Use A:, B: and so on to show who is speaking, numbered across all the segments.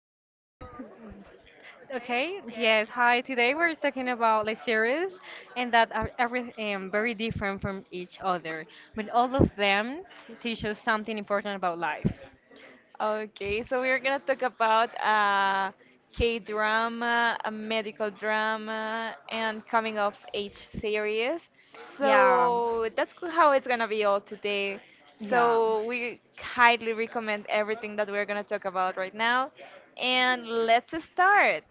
A: So,
B: Okay, yes, hi. Today we're talking about like series and that are every very different from each other, but all of them teach us something important about life.
A: okay, so we're gonna talk about K drama, a medical drama, and coming of age series.
B: Yeah,
A: So, how it's gonna be all today.
B: yeah.
A: So, we highly recommend everything that we're gonna talk about right now, and let's start.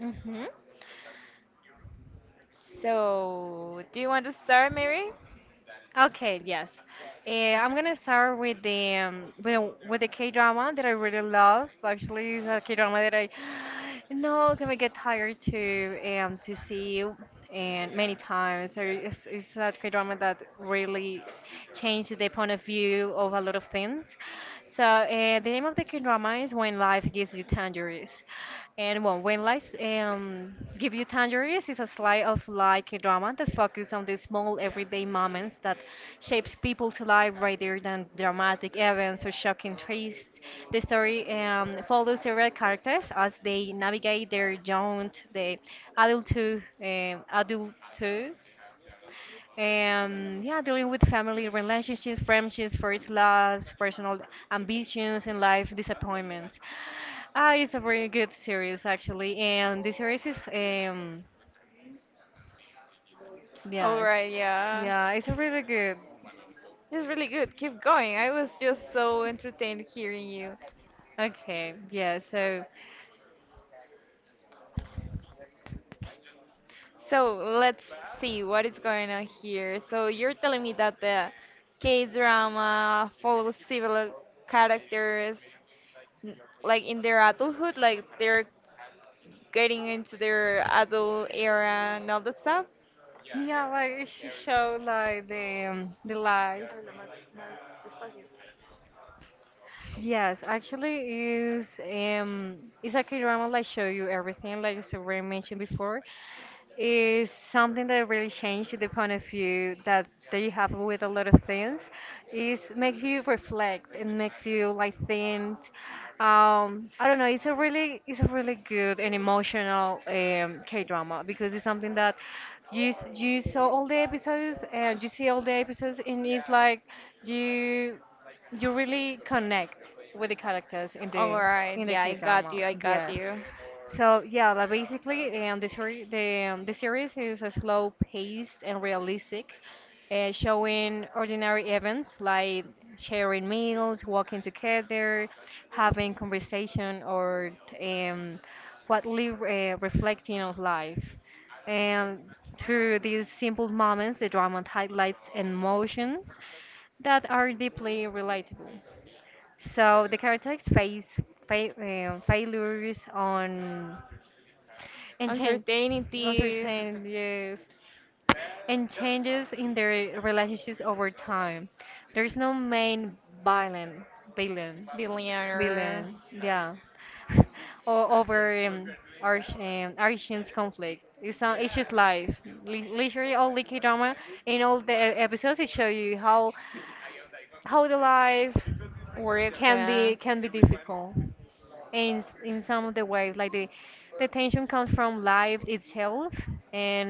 B: hmm
A: So, do you want to start, Mary?
B: Okay, yes. Uh, I'm gonna start with the K-drama that I really love. Actually, it's a K-drama that I no can get tired to see and many times. There is it's a K-drama that really changed the point of view of a lot of things. So the name of the drama is When Life Gives You Tangerines. And well, When Life Gives You Tangerines is a slice of life drama that focuses on the small everyday moments that shapes people's life rather than dramatic events or shocking twists. The story follows several characters as they navigate their jaunt, the adulthood, adulthood, and yeah, dealing with family relationships, friendships, first loves, personal ambitions, and life disappointments. Ah, it's a very good series actually, and the series is
A: All
B: yes,
A: right, yeah.
B: yeah, it's a really good.
A: It's really good. Keep going. I was just so entertained hearing you.
B: Okay, yeah, so
A: So let's see what is going on here. So you're telling me that the K-drama follows several characters n- like in their adulthood, like they're getting into their adult era and all that stuff?
B: yeah, like it should show like the life. Yes, actually is it's a K-drama like show you everything like Sabrina mentioned before. Is something that really changed the point of view that you have with a lot of things. Is makes you reflect and makes you like think. I don't know. It's a really good and emotional K-drama because it's something that you saw all the episodes and you see all the episodes and it's like you you really connect with the characters
A: All right,
B: in the
A: yeah, I
B: K
A: got
B: drama.
A: you, I got
B: Yes.
A: you.
B: So yeah, like basically, the story, the series is a slow paced and realistic, showing ordinary events like sharing meals, walking together, having conversation, or um, what live reflecting on life. And through these simple moments, the drama highlights emotions that are deeply relatable. So the characters face fa failures on and change.
A: Uncertainties.
B: Uncertain, yes, and changes in their relationships over time. There's no main villain villain
A: Billionaire
B: villain, yeah, or over arch Archie's conflict. It's not it's just life. Li Literally all the drama in all the episodes it show you how the life
A: words. There
B: can
A: can.
B: be difficult. In some of the ways like the tension comes from life itself and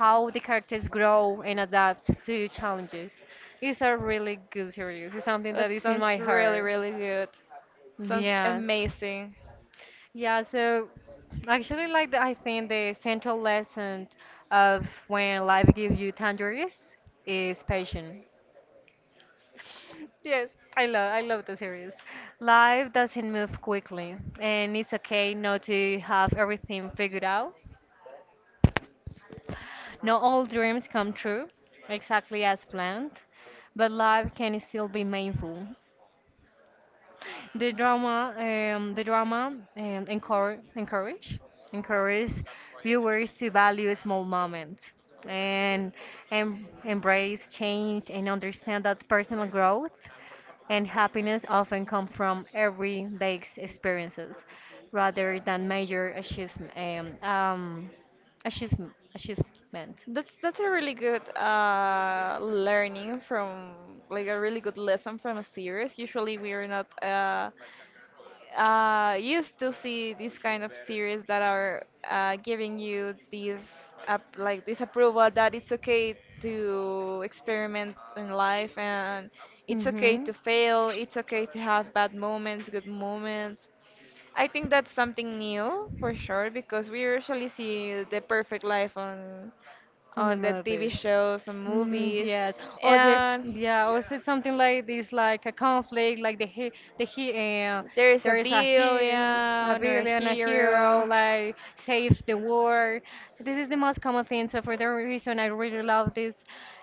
B: how the characters grow and adapt to challenges. It's a really good series, it's something
A: Yeah.
B: that
A: That
B: is in my
A: sounds
B: heart.
A: really, really good. Sounds, yeah,
B: Yes,
A: amazing.
B: yeah, so actually like I think the central lesson of when life gives you tangerines is patience. Yes, I love the series. Life doesn't move quickly, and it's okay not to have everything figured out. Not all dreams come true exactly as planned, but life can still be meaningful. The drama encourage viewers to value small moments and, and embrace change and understand that personal growth and happiness often come from everyday experiences rather than major achievement. Um, um, Achievement.
A: That's a really good learning from, like, a really good lesson from a series. Usually we are not used to see these kind of series that are giving you this up, like this approval that it's okay to experiment in life, and it's okay
B: hmm
A: to fail, it's okay to have bad moments, good moments. I think that's something new for sure, because we usually see the perfect life on
B: On the
A: the TV
B: movies.
A: shows and
B: Mm,
A: movies.
B: yes. Or the
A: And
B: yeah, or is it something like this, like a conflict, like the he uh,
A: there is a
B: there is a hero, a
A: villain or a
B: villain, a hero,
A: hero.
B: like save the world. This is the most common thing. So for that reason, I really love this,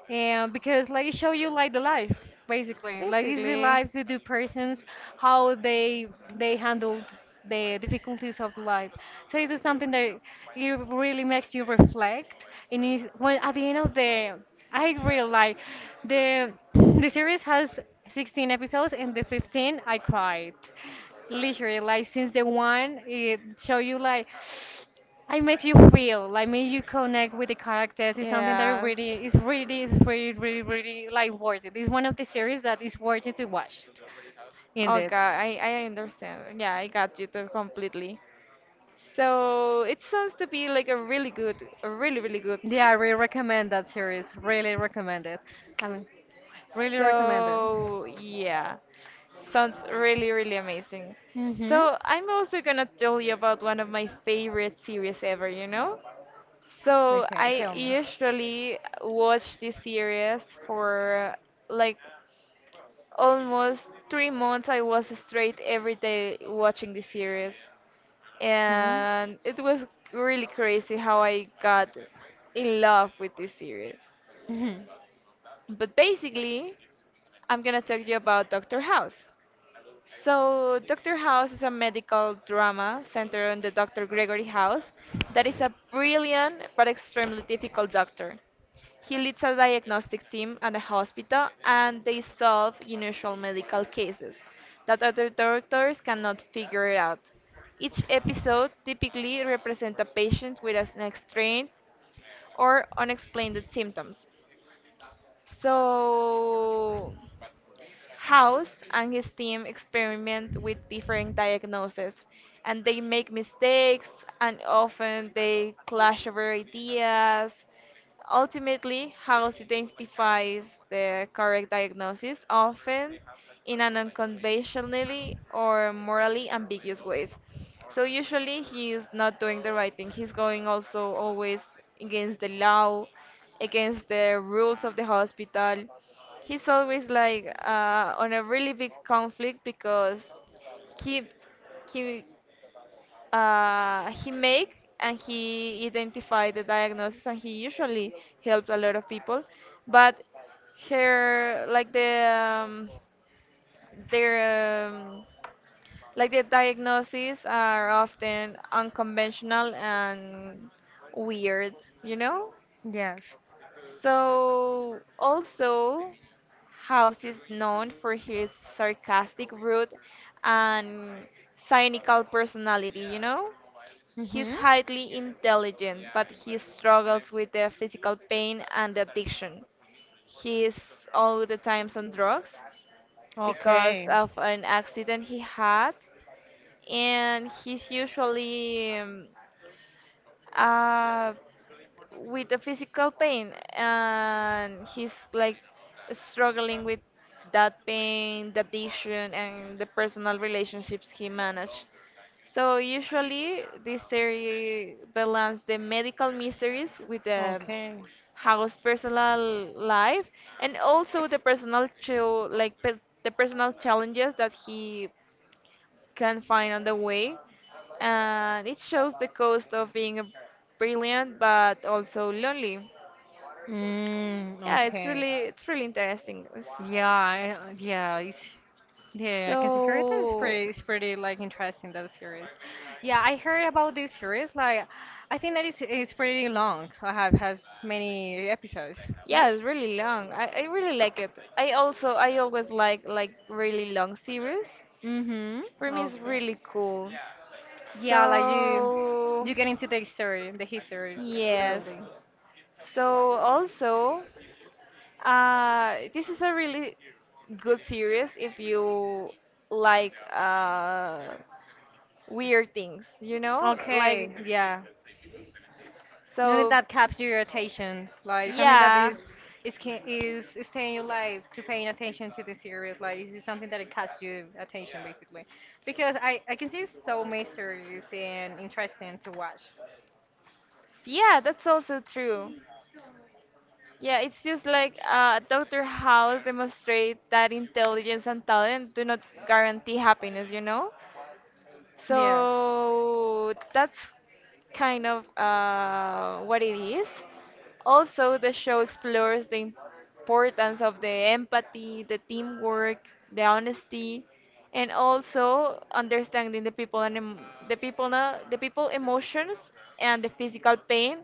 B: and because like it show you like the life basically, like it's the
A: Basically,
B: lives of the persons, how they handled the difficulties of life. So it is something that it really makes you reflect. And it, when at the end of I really like the series has 16 episodes, and the 15 I cried, literally like since the one it show you like. I makes you feel like make you connect with the characters. It's something that
A: yeah.
B: really is really is really really really like worth it. It's one of the series that is worth it to watch.
A: Oh
B: Indeed.
A: god, I understand. Yeah, I got you too completely. So it sounds to be like a really good, a really, really good.
B: Yeah, I really recommend that series. Really recommend it. I mean, really recommend it.
A: So yeah, sounds really, really amazing.
B: Mm-hmm.
A: So I'm also gonna tell you about one of my favorite series ever, you know? So
B: Okay,
A: I
B: tell me.
A: usually watch this series for like almost 3 months I was straight every day watching the series.
B: Hmm?
A: And it was really crazy how I got in love with this series.
B: Mhm.
A: But basically, I'm gonna talk to you about Doctor House. So, Dr. House is a medical drama centered on the Dr. Gregory House, that is a brilliant but extremely difficult doctor. He leads a diagnostic team at a hospital and they solve unusual medical cases that other doctors cannot figure out. Each episode typically represents a patient with an extreme or unexplained symptoms. So House and his team experiment with different diagnoses and they make mistakes and often they clash over ideas. Ultimately, House identifies the correct diagnosis, often in an unconventionally or morally ambiguous ways. So usually he is not doing the right thing. He's going also always against the law, against the rules of the hospital. He's always like on a really big conflict because he he he make and he identify the diagnosis and he usually helps a lot of people, but her like their, um, like the diagnoses are often unconventional and weird, you know?
B: Yes.
A: So, also, House is known for his sarcastic, rude, and cynical personality, you know? He's
B: Mm-hmm.
A: highly intelligent, but he struggles with the physical pain and addiction. He is all the times on drugs because
B: Okay.
A: of an accident he had, and he's usually uh, with the physical pain and he's like struggling with that pain, the addiction and the personal relationships he managed. So usually this series balances the medical mysteries with the
B: Okay.
A: house personal life and also the personal chill like pe- the personal challenges that he can find on the way. And it shows the cost of being a brilliant but also lonely.
B: Mm,
A: Yeah,
B: okay.
A: it's really interesting. It's-
B: Yeah, yeah, it's. Yeah, I can see her. It is
A: So
B: pretty, it's pretty like interesting that series. Yeah, I heard about this series. Like, I think that it's pretty long. I have has many episodes. Yeah.
A: yeah, it's really long. I really like it. I also I always like really long series.
B: Mhm.
A: For me it's
B: Okay.
A: really cool.
B: Yeah, like you,
A: So
B: you get into the story, the history,
A: yes.
B: totally.
A: So also, this is a really good series if you like weird things, you know?
B: Okay.
A: Like,
B: Yeah. Something
A: so,
B: that captures your attention, like something that
A: yeah.
B: is ca- is staying you like to paying attention to the series. Like this is something that it catches you attention basically, because I can see so mysterious and interesting to watch.
A: Yeah, that's also true. Yeah, it's just like Dr. House demonstrates that intelligence and talent do not guarantee happiness, you know?
B: Yes.
A: So that's kind of what it is. Also, the show explores the importance of the empathy, the teamwork, the honesty, and also understanding the people and the people emotions and the physical pain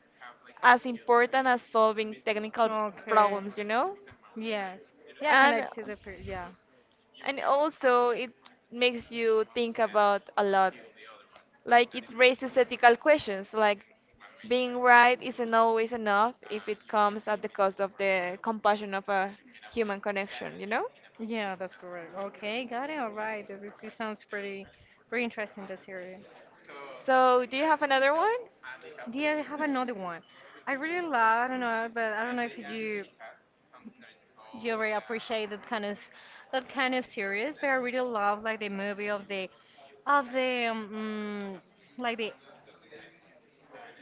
A: as important as solving technical
B: Okay.
A: problems, you know?
B: Yes. Yeah,
A: And
B: connect to the peer. Yeah.
A: also it makes you think about a lot. Like it raises ethical questions, like being right isn't always enough if it comes at the cost of the compassion of a human connection, you know?
B: Yeah, that's correct. Okay, got it. All right. This sounds pretty pretty interesting, the theory.
A: So, do you have another one?
B: Yeah, I have another one. I really love, I don't know, but I don't know if you you already appreciate that kind of series, but I really love like the movie of the of the um, mm, like the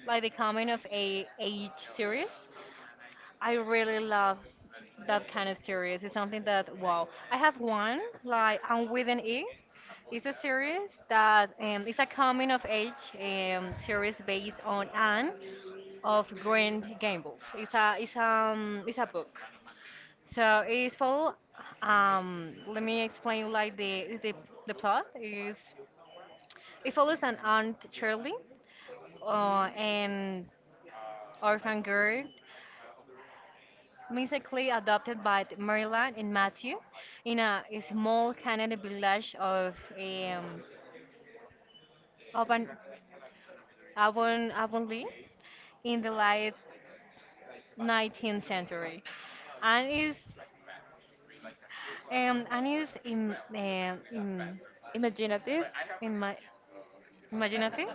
B: like the coming of a age series. I really love that kind of series. It's something that wow. I have one like I'm with an E. It's a series that it's a coming of age series based on Anne of Grand Gables. It's a book. So it's follow. Let me explain like the plot is it follows an aunt Shirley and orphan girl mystically adopted by the Maryland and Matthew in a small Canadian village of Avon, Avonlea in the late 19th century. And is
A: Imaginative?
B: ima- imaginative,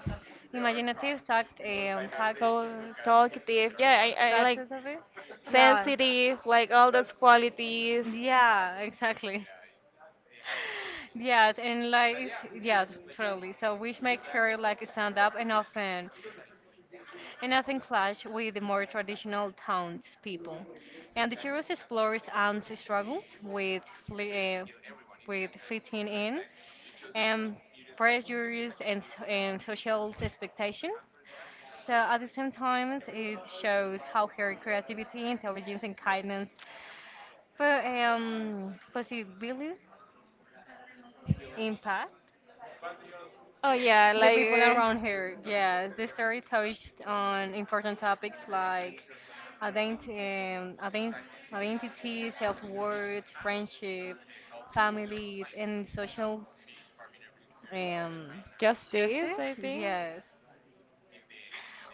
B: imaginative tact, tact,
A: Tal- talkative? Yeah, I
B: tact
A: like
B: of it. Yeah,
A: sensitive, like all those qualities.
B: yeah, exactly. Yeah, and like yeah, truly. So which makes her like stand up and often clash with the more traditional townspeople. And the series explores Anne's struggles uh, with fitting in and pressures and social expectations. So at the same time, it shows how her creativity, intelligence, and kindness, but possibility impact
A: Oh, yeah,
B: the
A: like
B: people around here.
A: uh,
B: Yes, the story touched on important topics like ident um, ident identity, self-worth, friendship, family, and social um, justice.
A: justice, I think.
B: Yes,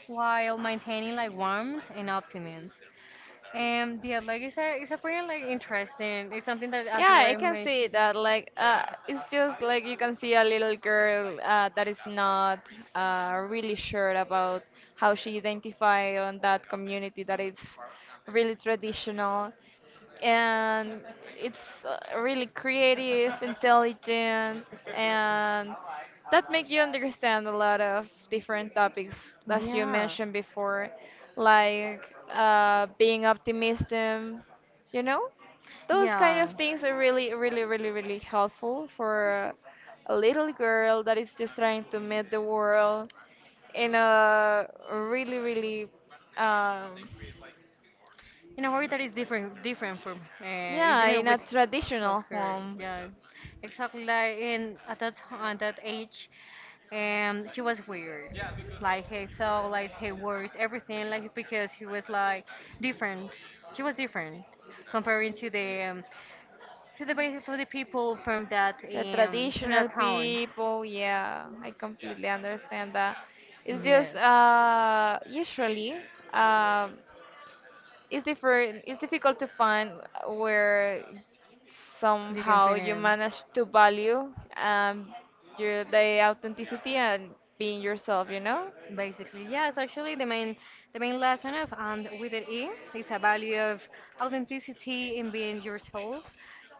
B: while maintaining like warmth and optimism. And yeah, like it's a pretty like interesting. It's something that as
A: Yeah, I
B: we're
A: can see
B: making.
A: that. Like, it's just like you can see a little girl that is not really sure about how she identify on that community that is really traditional, and it's really creative, intelligent, and that make you understand a lot of different topics as you mentioned before, like being optimistic, you know? Those kind of
B: And
A: things are really, really, really, really helpful for a little girl that is just trying to meet the world in a really, really, um,
B: in a way that is different different from it's
A: yeah,
B: different
A: in
B: with
A: a
B: of
A: traditional
B: her.
A: home.
B: Yeah, exactly like in at that age she was weird, like he saw like he words everything like because he was like different, she was different, comparing to the people from that
A: The
B: to
A: traditional
B: that town.
A: people, yeah, I completely understand that. It's just
B: Yes.
A: usually um it's different, it's difficult to find where somehow you
B: How.
A: manage to value your the authenticity and being yourself, you know?
B: Basically, yes. Actually, the main lesson of and with an E is a value of authenticity in being yourself,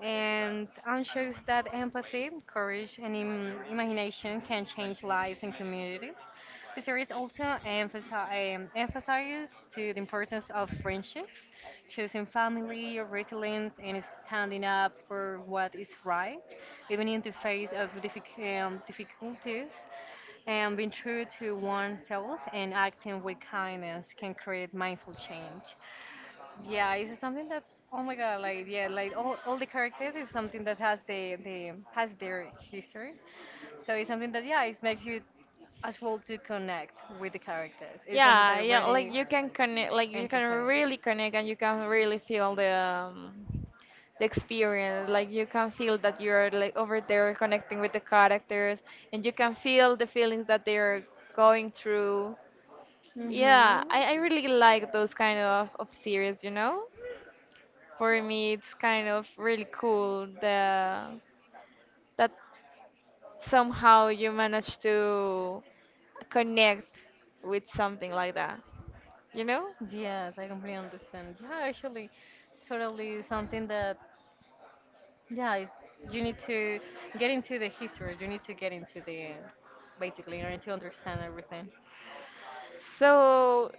B: and shows that empathy, courage, and im imagination can change lives and communities. The series also emphasizes to the importance of friendships, choosing family, resilience, and standing up for what is right, even in the face of difficulties. And being true to oneself and acting with kindness can create mindful change. Yeah, it's something that oh my god, like yeah, like all the characters is something that has the has their history. So it's something that yeah, it makes you as well to connect with the characters. It's something
A: Yeah,
B: that
A: yeah, like
B: really
A: you can connect, like you can really connect and
B: entertaining.
A: you can really feel the experience. Like you can feel that you're like over there connecting with the characters and you can feel the feelings that they're going through. Yeah,
B: Mhm.
A: I really like those kind of series, you know? For me, it's kind of really cool the that somehow you manage to connect with something like that, you know?
B: Yes, I completely understand. Yeah, actually, totally something that. Yeah, you need to get into the history. You need to get into the basically. You need to understand everything.
A: So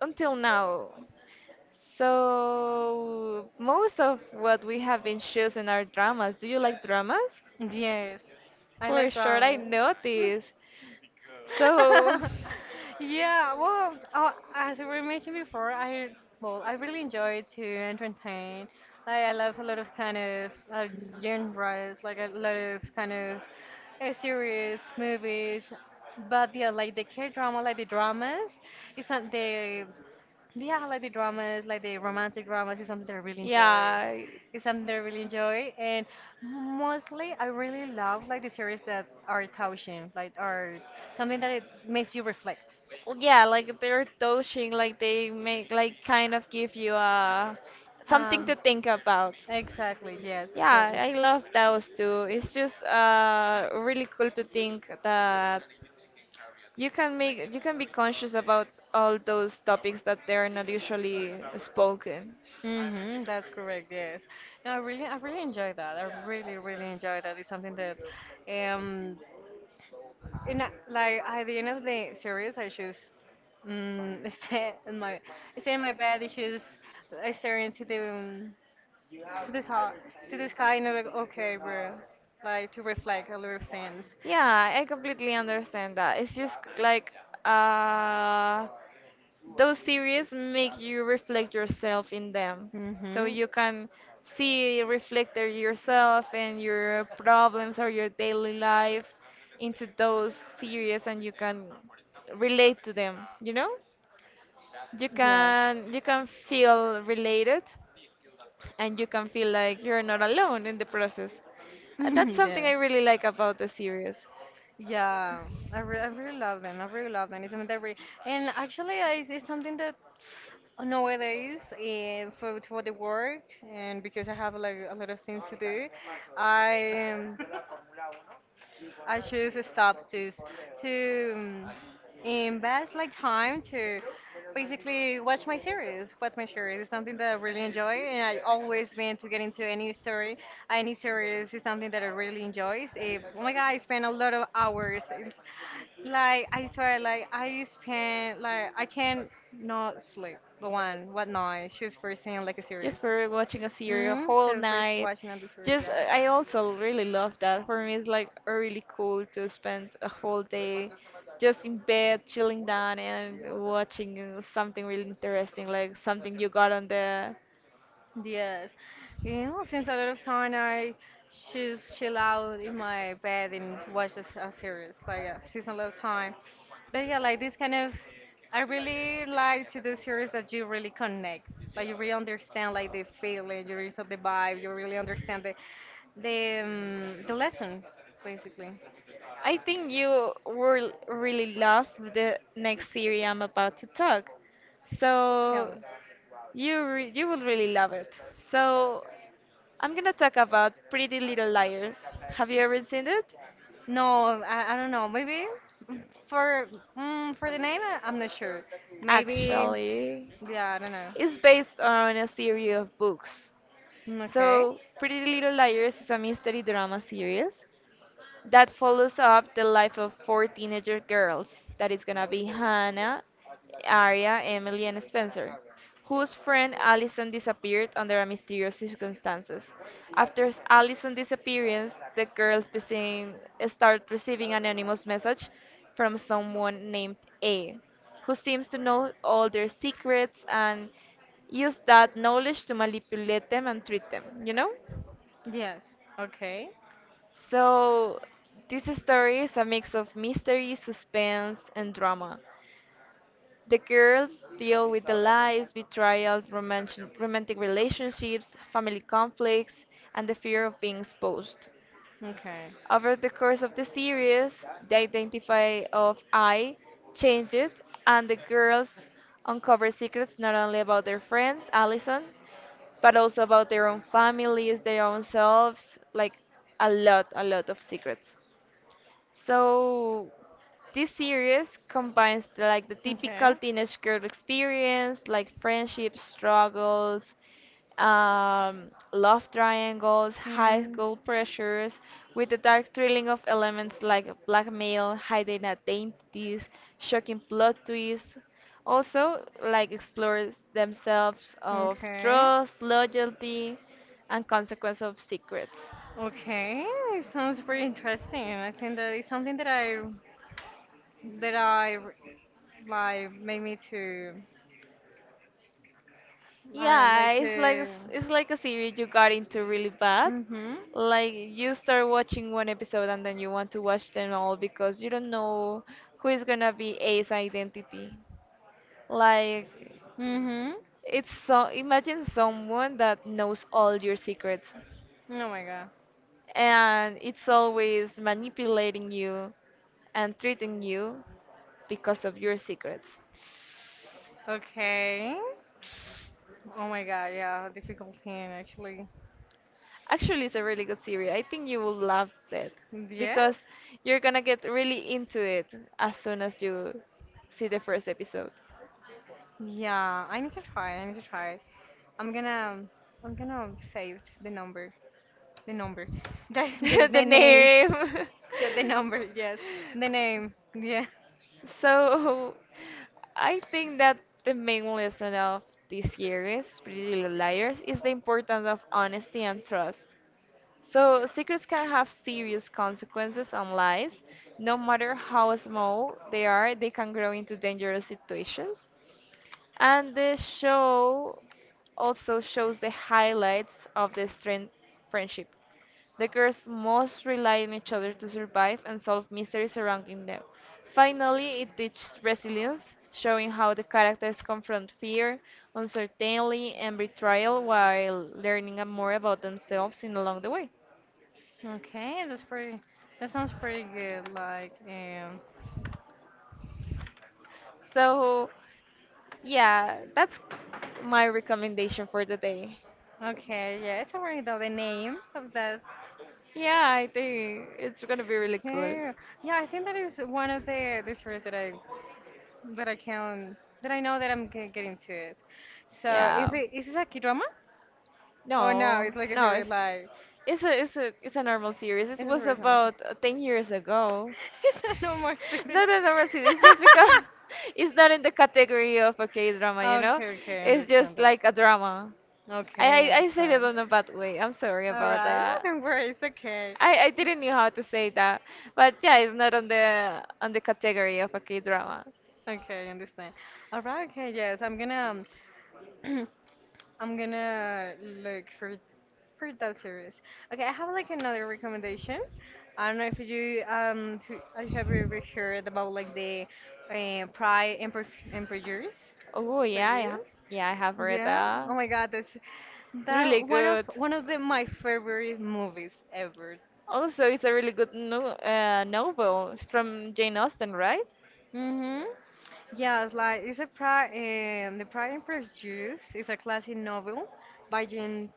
A: until now, so most of what we have been choosing are dramas. Do you like dramas?
B: Yes, I
A: For
B: like
A: sure, I
B: ramen.
A: noticed. So
B: yeah, well, oh, as we mentioned before, I well, I really enjoy to entertain. Like, I love a lot of kind of genres, like a lot of kind of series, movies. But yeah, like the K drama, like the dramas, it's not the. Yeah, I like the dramas, like the romantic dramas is something that I really enjoy.
A: yeah,
B: It's something that I really enjoy, and mostly I really love like the series that are touching, like are something that it makes you reflect.
A: well, yeah, like they're touching, like they make, like kind of give you something
B: Um,
A: to think about.
B: exactly. Yes,
A: Yeah,
B: probably.
A: I love those too. It's just really cool to think that you can make you can be conscious about all those topics that they're not usually spoken.
B: Mm-hmm, that's correct, yes. And I really enjoy that. I really, really enjoy that. It's something that um in like at the end of the series, I just mm, stay in my bed, just staring to the to to the sky, and I'm like, okay, bro, like to reflect a little things.
A: Yeah, I completely understand that. It's just like uh those series make you reflect yourself in them. So
B: Mm-hmm.
A: you can see reflected yourself and your problems or your daily life into those series and you can relate to them, you know? You
B: Yes.
A: can, you can feel related and you can feel like you're not alone in the process. That's something
B: yeah.
A: I really like about the series.
B: Yeah, I really love them. I really love them. It's something that re And actually, it's something that nowadays for the work, and because I have like a lot of things to do, I um, I choose to stop to invest like time to basically watch my series. Watch my series is something that I really enjoy, and I always mean to get into any story, any series is something that I really enjoy. Oh my god, I spend a lot of hours. It's Like I swear, like I spend, like I can not sleep. The one, what night? Choose for seeing like a series.
A: Just for watching a series a whole
B: So first
A: night.
B: watching on the series,
A: Just
B: yeah.
A: I also really love that. For me, it's like really cool to spend a whole day just in bed, chilling down and watching something really interesting, like something you got on the.
B: Yes. You know, since a lot of time I just chill out in my bed and watch a series, like a season, a lot of time. But yeah, like this kind of, I really like to do series that you really connect. Like you really understand like the feeling, you really understand the vibe, you really understand the lesson, basically.
A: I think you will really love the next series I'm about to talk.
B: Tell me.
A: So, you will really love it. So I'm gonna talk about Pretty Little Liars. Have you ever seen it?
B: No, I don't know. Maybe, for for the name, I'm not sure. Maybe,
A: Actually,
B: yeah, I don't know.
A: it's based on a series of books.
B: Mm, okay.
A: So Pretty Little Liars is a mystery drama series that follows up the life of four teenager girls. That is gonna be Hannah, Arya, Emily, and Spencer, whose friend Allison disappeared under a mysterious circumstances. After Allison's disappearance, the girls begin, start receiving anonymous message from someone named A, who seems to know all their secrets and use that knowledge to manipulate them and treat them, you know?
B: Yes. Okay.
A: So, this story is a mix of mystery, suspense, and drama. The girls deal with the lies, betrayal, romantic, relationships, family conflicts, and the fear of being exposed.
B: Okay.
A: Over the course of the series, the identity of I changes, and the girls uncover secrets not only about their friend Allison, but also about their own families, their own selves, like a lot of secrets. So this series combines the, like the
B: Okay.
A: typical teenage girl experience, like friendship struggles, love triangles, high
B: Mm.
A: school pressures, with the dark thrilling of elements like blackmail, hidden identities, shocking plot twists. Also, like explores themselves of
B: Okay.
A: trust, loyalty, and consequence of secrets.
B: Okay. It sounds pretty interesting. I think that it's something that I like made me to, I don't
A: Yeah,
B: like
A: it's like
B: to.
A: it's like a series you got into really bad.
B: Mhm.
A: Like you start watching one episode and then you want to watch them all because you don't know who is gonna be A's identity. Like
B: Mhm.
A: it's so, imagine someone that knows all your secrets
B: Oh my god.
A: and it's always manipulating you and treating you because of your secrets.
B: Okay. Oh my god. Yeah. Difficult thing, actually.
A: Actually, it's a really good series. I think you will love that
B: Yes.
A: because you're gonna get really into it as soon as you see the first episode.
B: Yeah. I need to try. I need to try. I'm gonna, save the number. The number. That's the,
A: The
B: the name.
A: name.
B: Yeah, the number, yes. The name. Yeah.
A: So, I think that the main lesson of this series, Pretty Little Liars, is the importance of honesty and trust. So, secrets can have serious consequences on lies. No matter how small they are, they can grow into dangerous situations. And the show also shows the highlights of the strength friendship. The girls must rely on each other to survive and solve mysteries surrounding them. Finally, it teaches resilience, showing how the characters confront fear, uncertainty, and betrayal while learning more about themselves in along the way.
B: Okay, that sounds pretty good. Like,
A: So, yeah, that's my recommendation for the day.
B: okay, yeah, it's already know the name of that.
A: Yeah, I think it's gonna be really cool.
B: Okay. Yeah, I think that is one of the series that I, that I can, that I know that I'm getting to it. So,
A: Yeah.
B: is this a K-drama? Oh no,
A: No, no, it's it's a normal series. It
B: it's a
A: was
B: series number.
A: about 10 years ago.
B: It's a normal series.
A: Not a normal series. It's just because it's not in the category of a K drama, you know.
B: Okay, okay, I
A: It's
B: understand
A: just
B: that.
A: like a drama.
B: Okay,
A: I said it
B: understand.
A: on a bad way. I'm sorry
B: All
A: about
B: right, no,
A: that.
B: don't worry, it's okay.
A: I didn't know how to say that, but yeah, it's not on the category of a K drama.
B: Okay, understand. All right, okay, yes, um, I'm gonna look for that series. Okay, I have like another recommendation. I don't know if I have you ever heard about, like, the Pride and Prejudice?
A: Oh
B: Prejudice?
A: yeah, I have read
B: Yeah.
A: that.
B: Oh my God, that's
A: It's really
B: that one of
A: good.
B: one of the my favorite movies ever.
A: Also, it's a really good no novel. It's from Jane Austen, right?
B: Mhm. Yeah, it's like it's a Pride, The Pride and Prejudice is a classic novel by Jane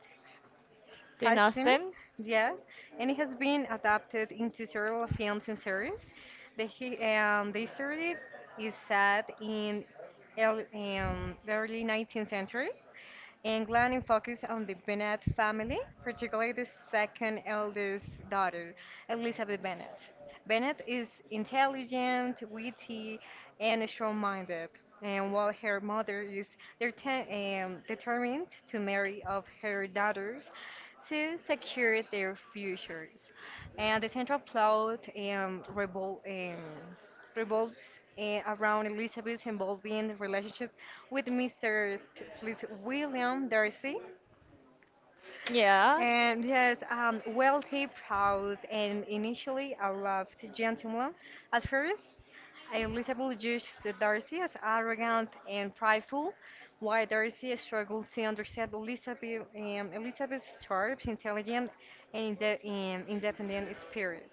A: Jane
B: Austen,
A: Austen.
B: yes, and it has been adapted into several films and series. The story is set in early, the early 19th century England and focused on the Bennett family, particularly the second eldest daughter, Elizabeth Bennett. Bennett is intelligent, witty, and strong-minded, and while her mother is dete- determined to marry off her daughters to secure their futures. And the central plot revolves around Elizabeth's involving relationship with Mr. William Darcy.
A: Yeah.
B: And yes, wealthy, proud, and initially a loved gentleman. At first, Elizabeth judged Darcy as arrogant and prideful, while Darcy struggled to understand Elizabeth's sharp, intelligent, and independent spirit.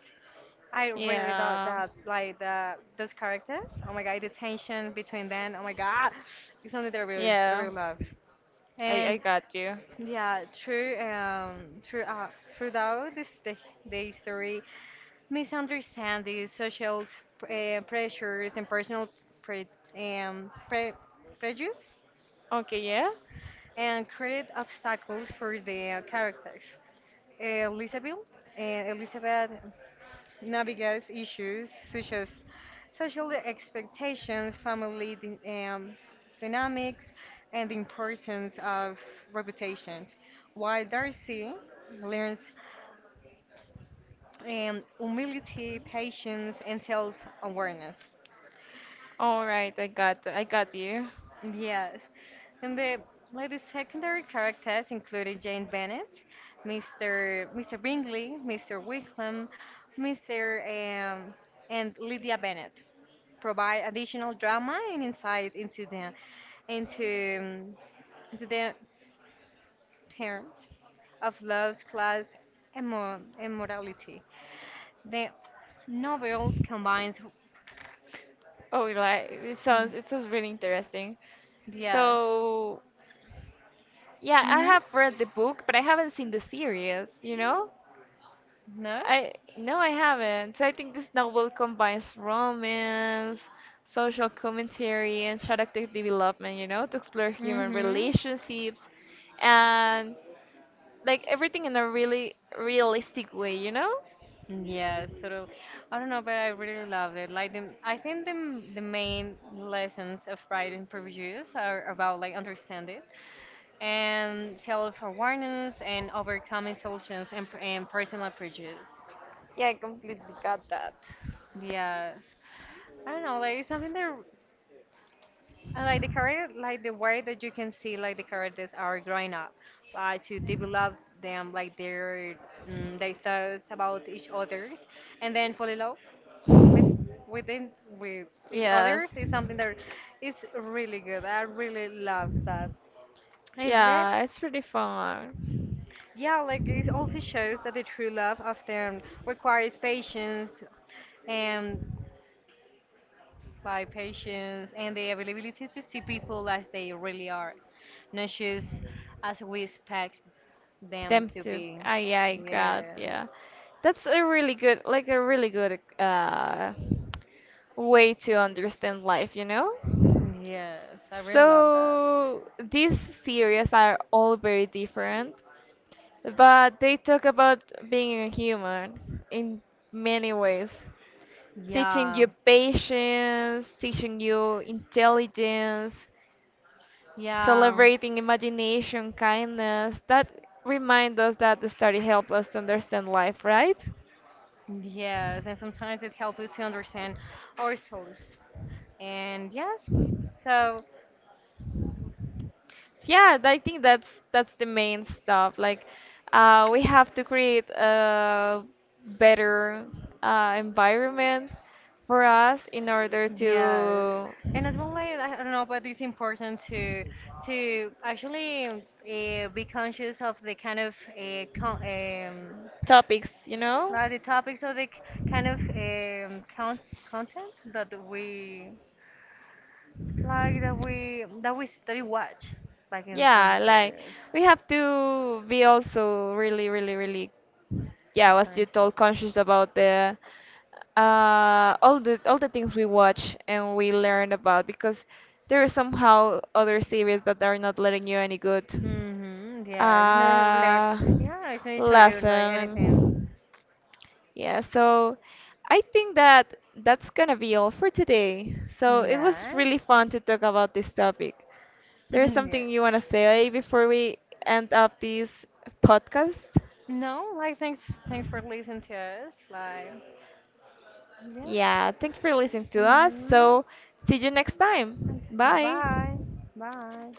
B: I really thought
A: Yeah.
B: that like the those characters. Oh my god, the tension between them. Oh my god, it's something that I
A: Yeah.
B: really love.
A: I
B: And
A: I got you.
B: yeah, throughout the history, misunderstandings, social pressures, and personal pre, um, pre, prejudice,
A: Okay, yeah.
B: and create obstacles for the characters. Elizabeth, Elizabeth navigates issues such as social expectations, family dynamics, and the importance of reputation. While Darcy learns humility, patience, and self awareness.
A: All right, I got, I got you.
B: Yes, and the secondary characters included Jane Bennett, Mr. Bingley, Mr. Wickham, Mr. Um, and Lydia Bennett provide additional drama and insight into um, into the terms of love, class, and morality. The novel combines,
A: Oh, like it sounds, it sounds really interesting.
B: yes.
A: So, yeah, I
B: Mhm.
A: have read the book, but I haven't seen the series, you know?
B: No.
A: I no, I haven't. So I think this novel combines romance, social commentary, and character development, you know, to explore human
B: Mm-hmm.
A: relationships and like everything in a really realistic way, you know?
B: Yes, sort I don't know, but I really love it. Like I think the main lessons of Pride and Prejudice are about, like, understanding and self-awareness and overcoming solutions and personal prejudice.
A: Yeah, I completely got that.
B: Yes. I don't know, like it's something that and like the character, like the way that you can see, like the characters are growing up, like to develop them, like their thoughts about each others, and then fall in love within with each
A: Yes.
B: other is something that is really good. I really love that. And let
A: Yeah, it's pretty fun.
B: Yeah, like it also shows that the true love often requires patience and, like, patience and the availability to see people as they really are, not just as we expect them
A: Them
B: to
A: too.
B: be.
A: Ah, yeah, I got,
B: Yes,
A: yeah. That's a really good, like a really good way to understand life, you know?
B: yes, I really love that.
A: So these series are all very different, but they talk about being a human in many ways, teaching
B: Yeah,
A: you patience, teaching you intelligence,
B: yeah,
A: celebrating imagination, kindness, that remind us that the study help us to understand life, right?
B: yes, and sometimes it helps us to understand ourselves. And yes, so.
A: Yeah, I think that's the main stuff. Like, we have to create a better environment for us in order
B: Yes,
A: to
B: and as well, like, I don't know, but it's important to actually be conscious of the kind of con
A: topics, you know?
B: like the topics of the kind of content that we like, that we that we watch, like in
A: Yeah, like
B: others.
A: we have to be also really, really, really, yeah, I was you told conscious about the all the all the things we watch and we learn about because there are somehow other series that are not letting you any good
B: Mm-hmm. Yes. You know, learn.
A: uh,
B: Yeah, it's gonna show you like anything.
A: lesson. Yeah, so I think that that's gonna be all for today. So it was really
B: Yes.
A: fun to talk about this topic. There is
B: Yes.
A: something you wanna say before we end up this podcast?
B: No, like, thanks for listening to us. Like. Yes.
A: Yeah, thank you for listening to us.
B: Mm-hmm.
A: So, see you next time.
B: Bye
A: Bye.
B: bye. Bye.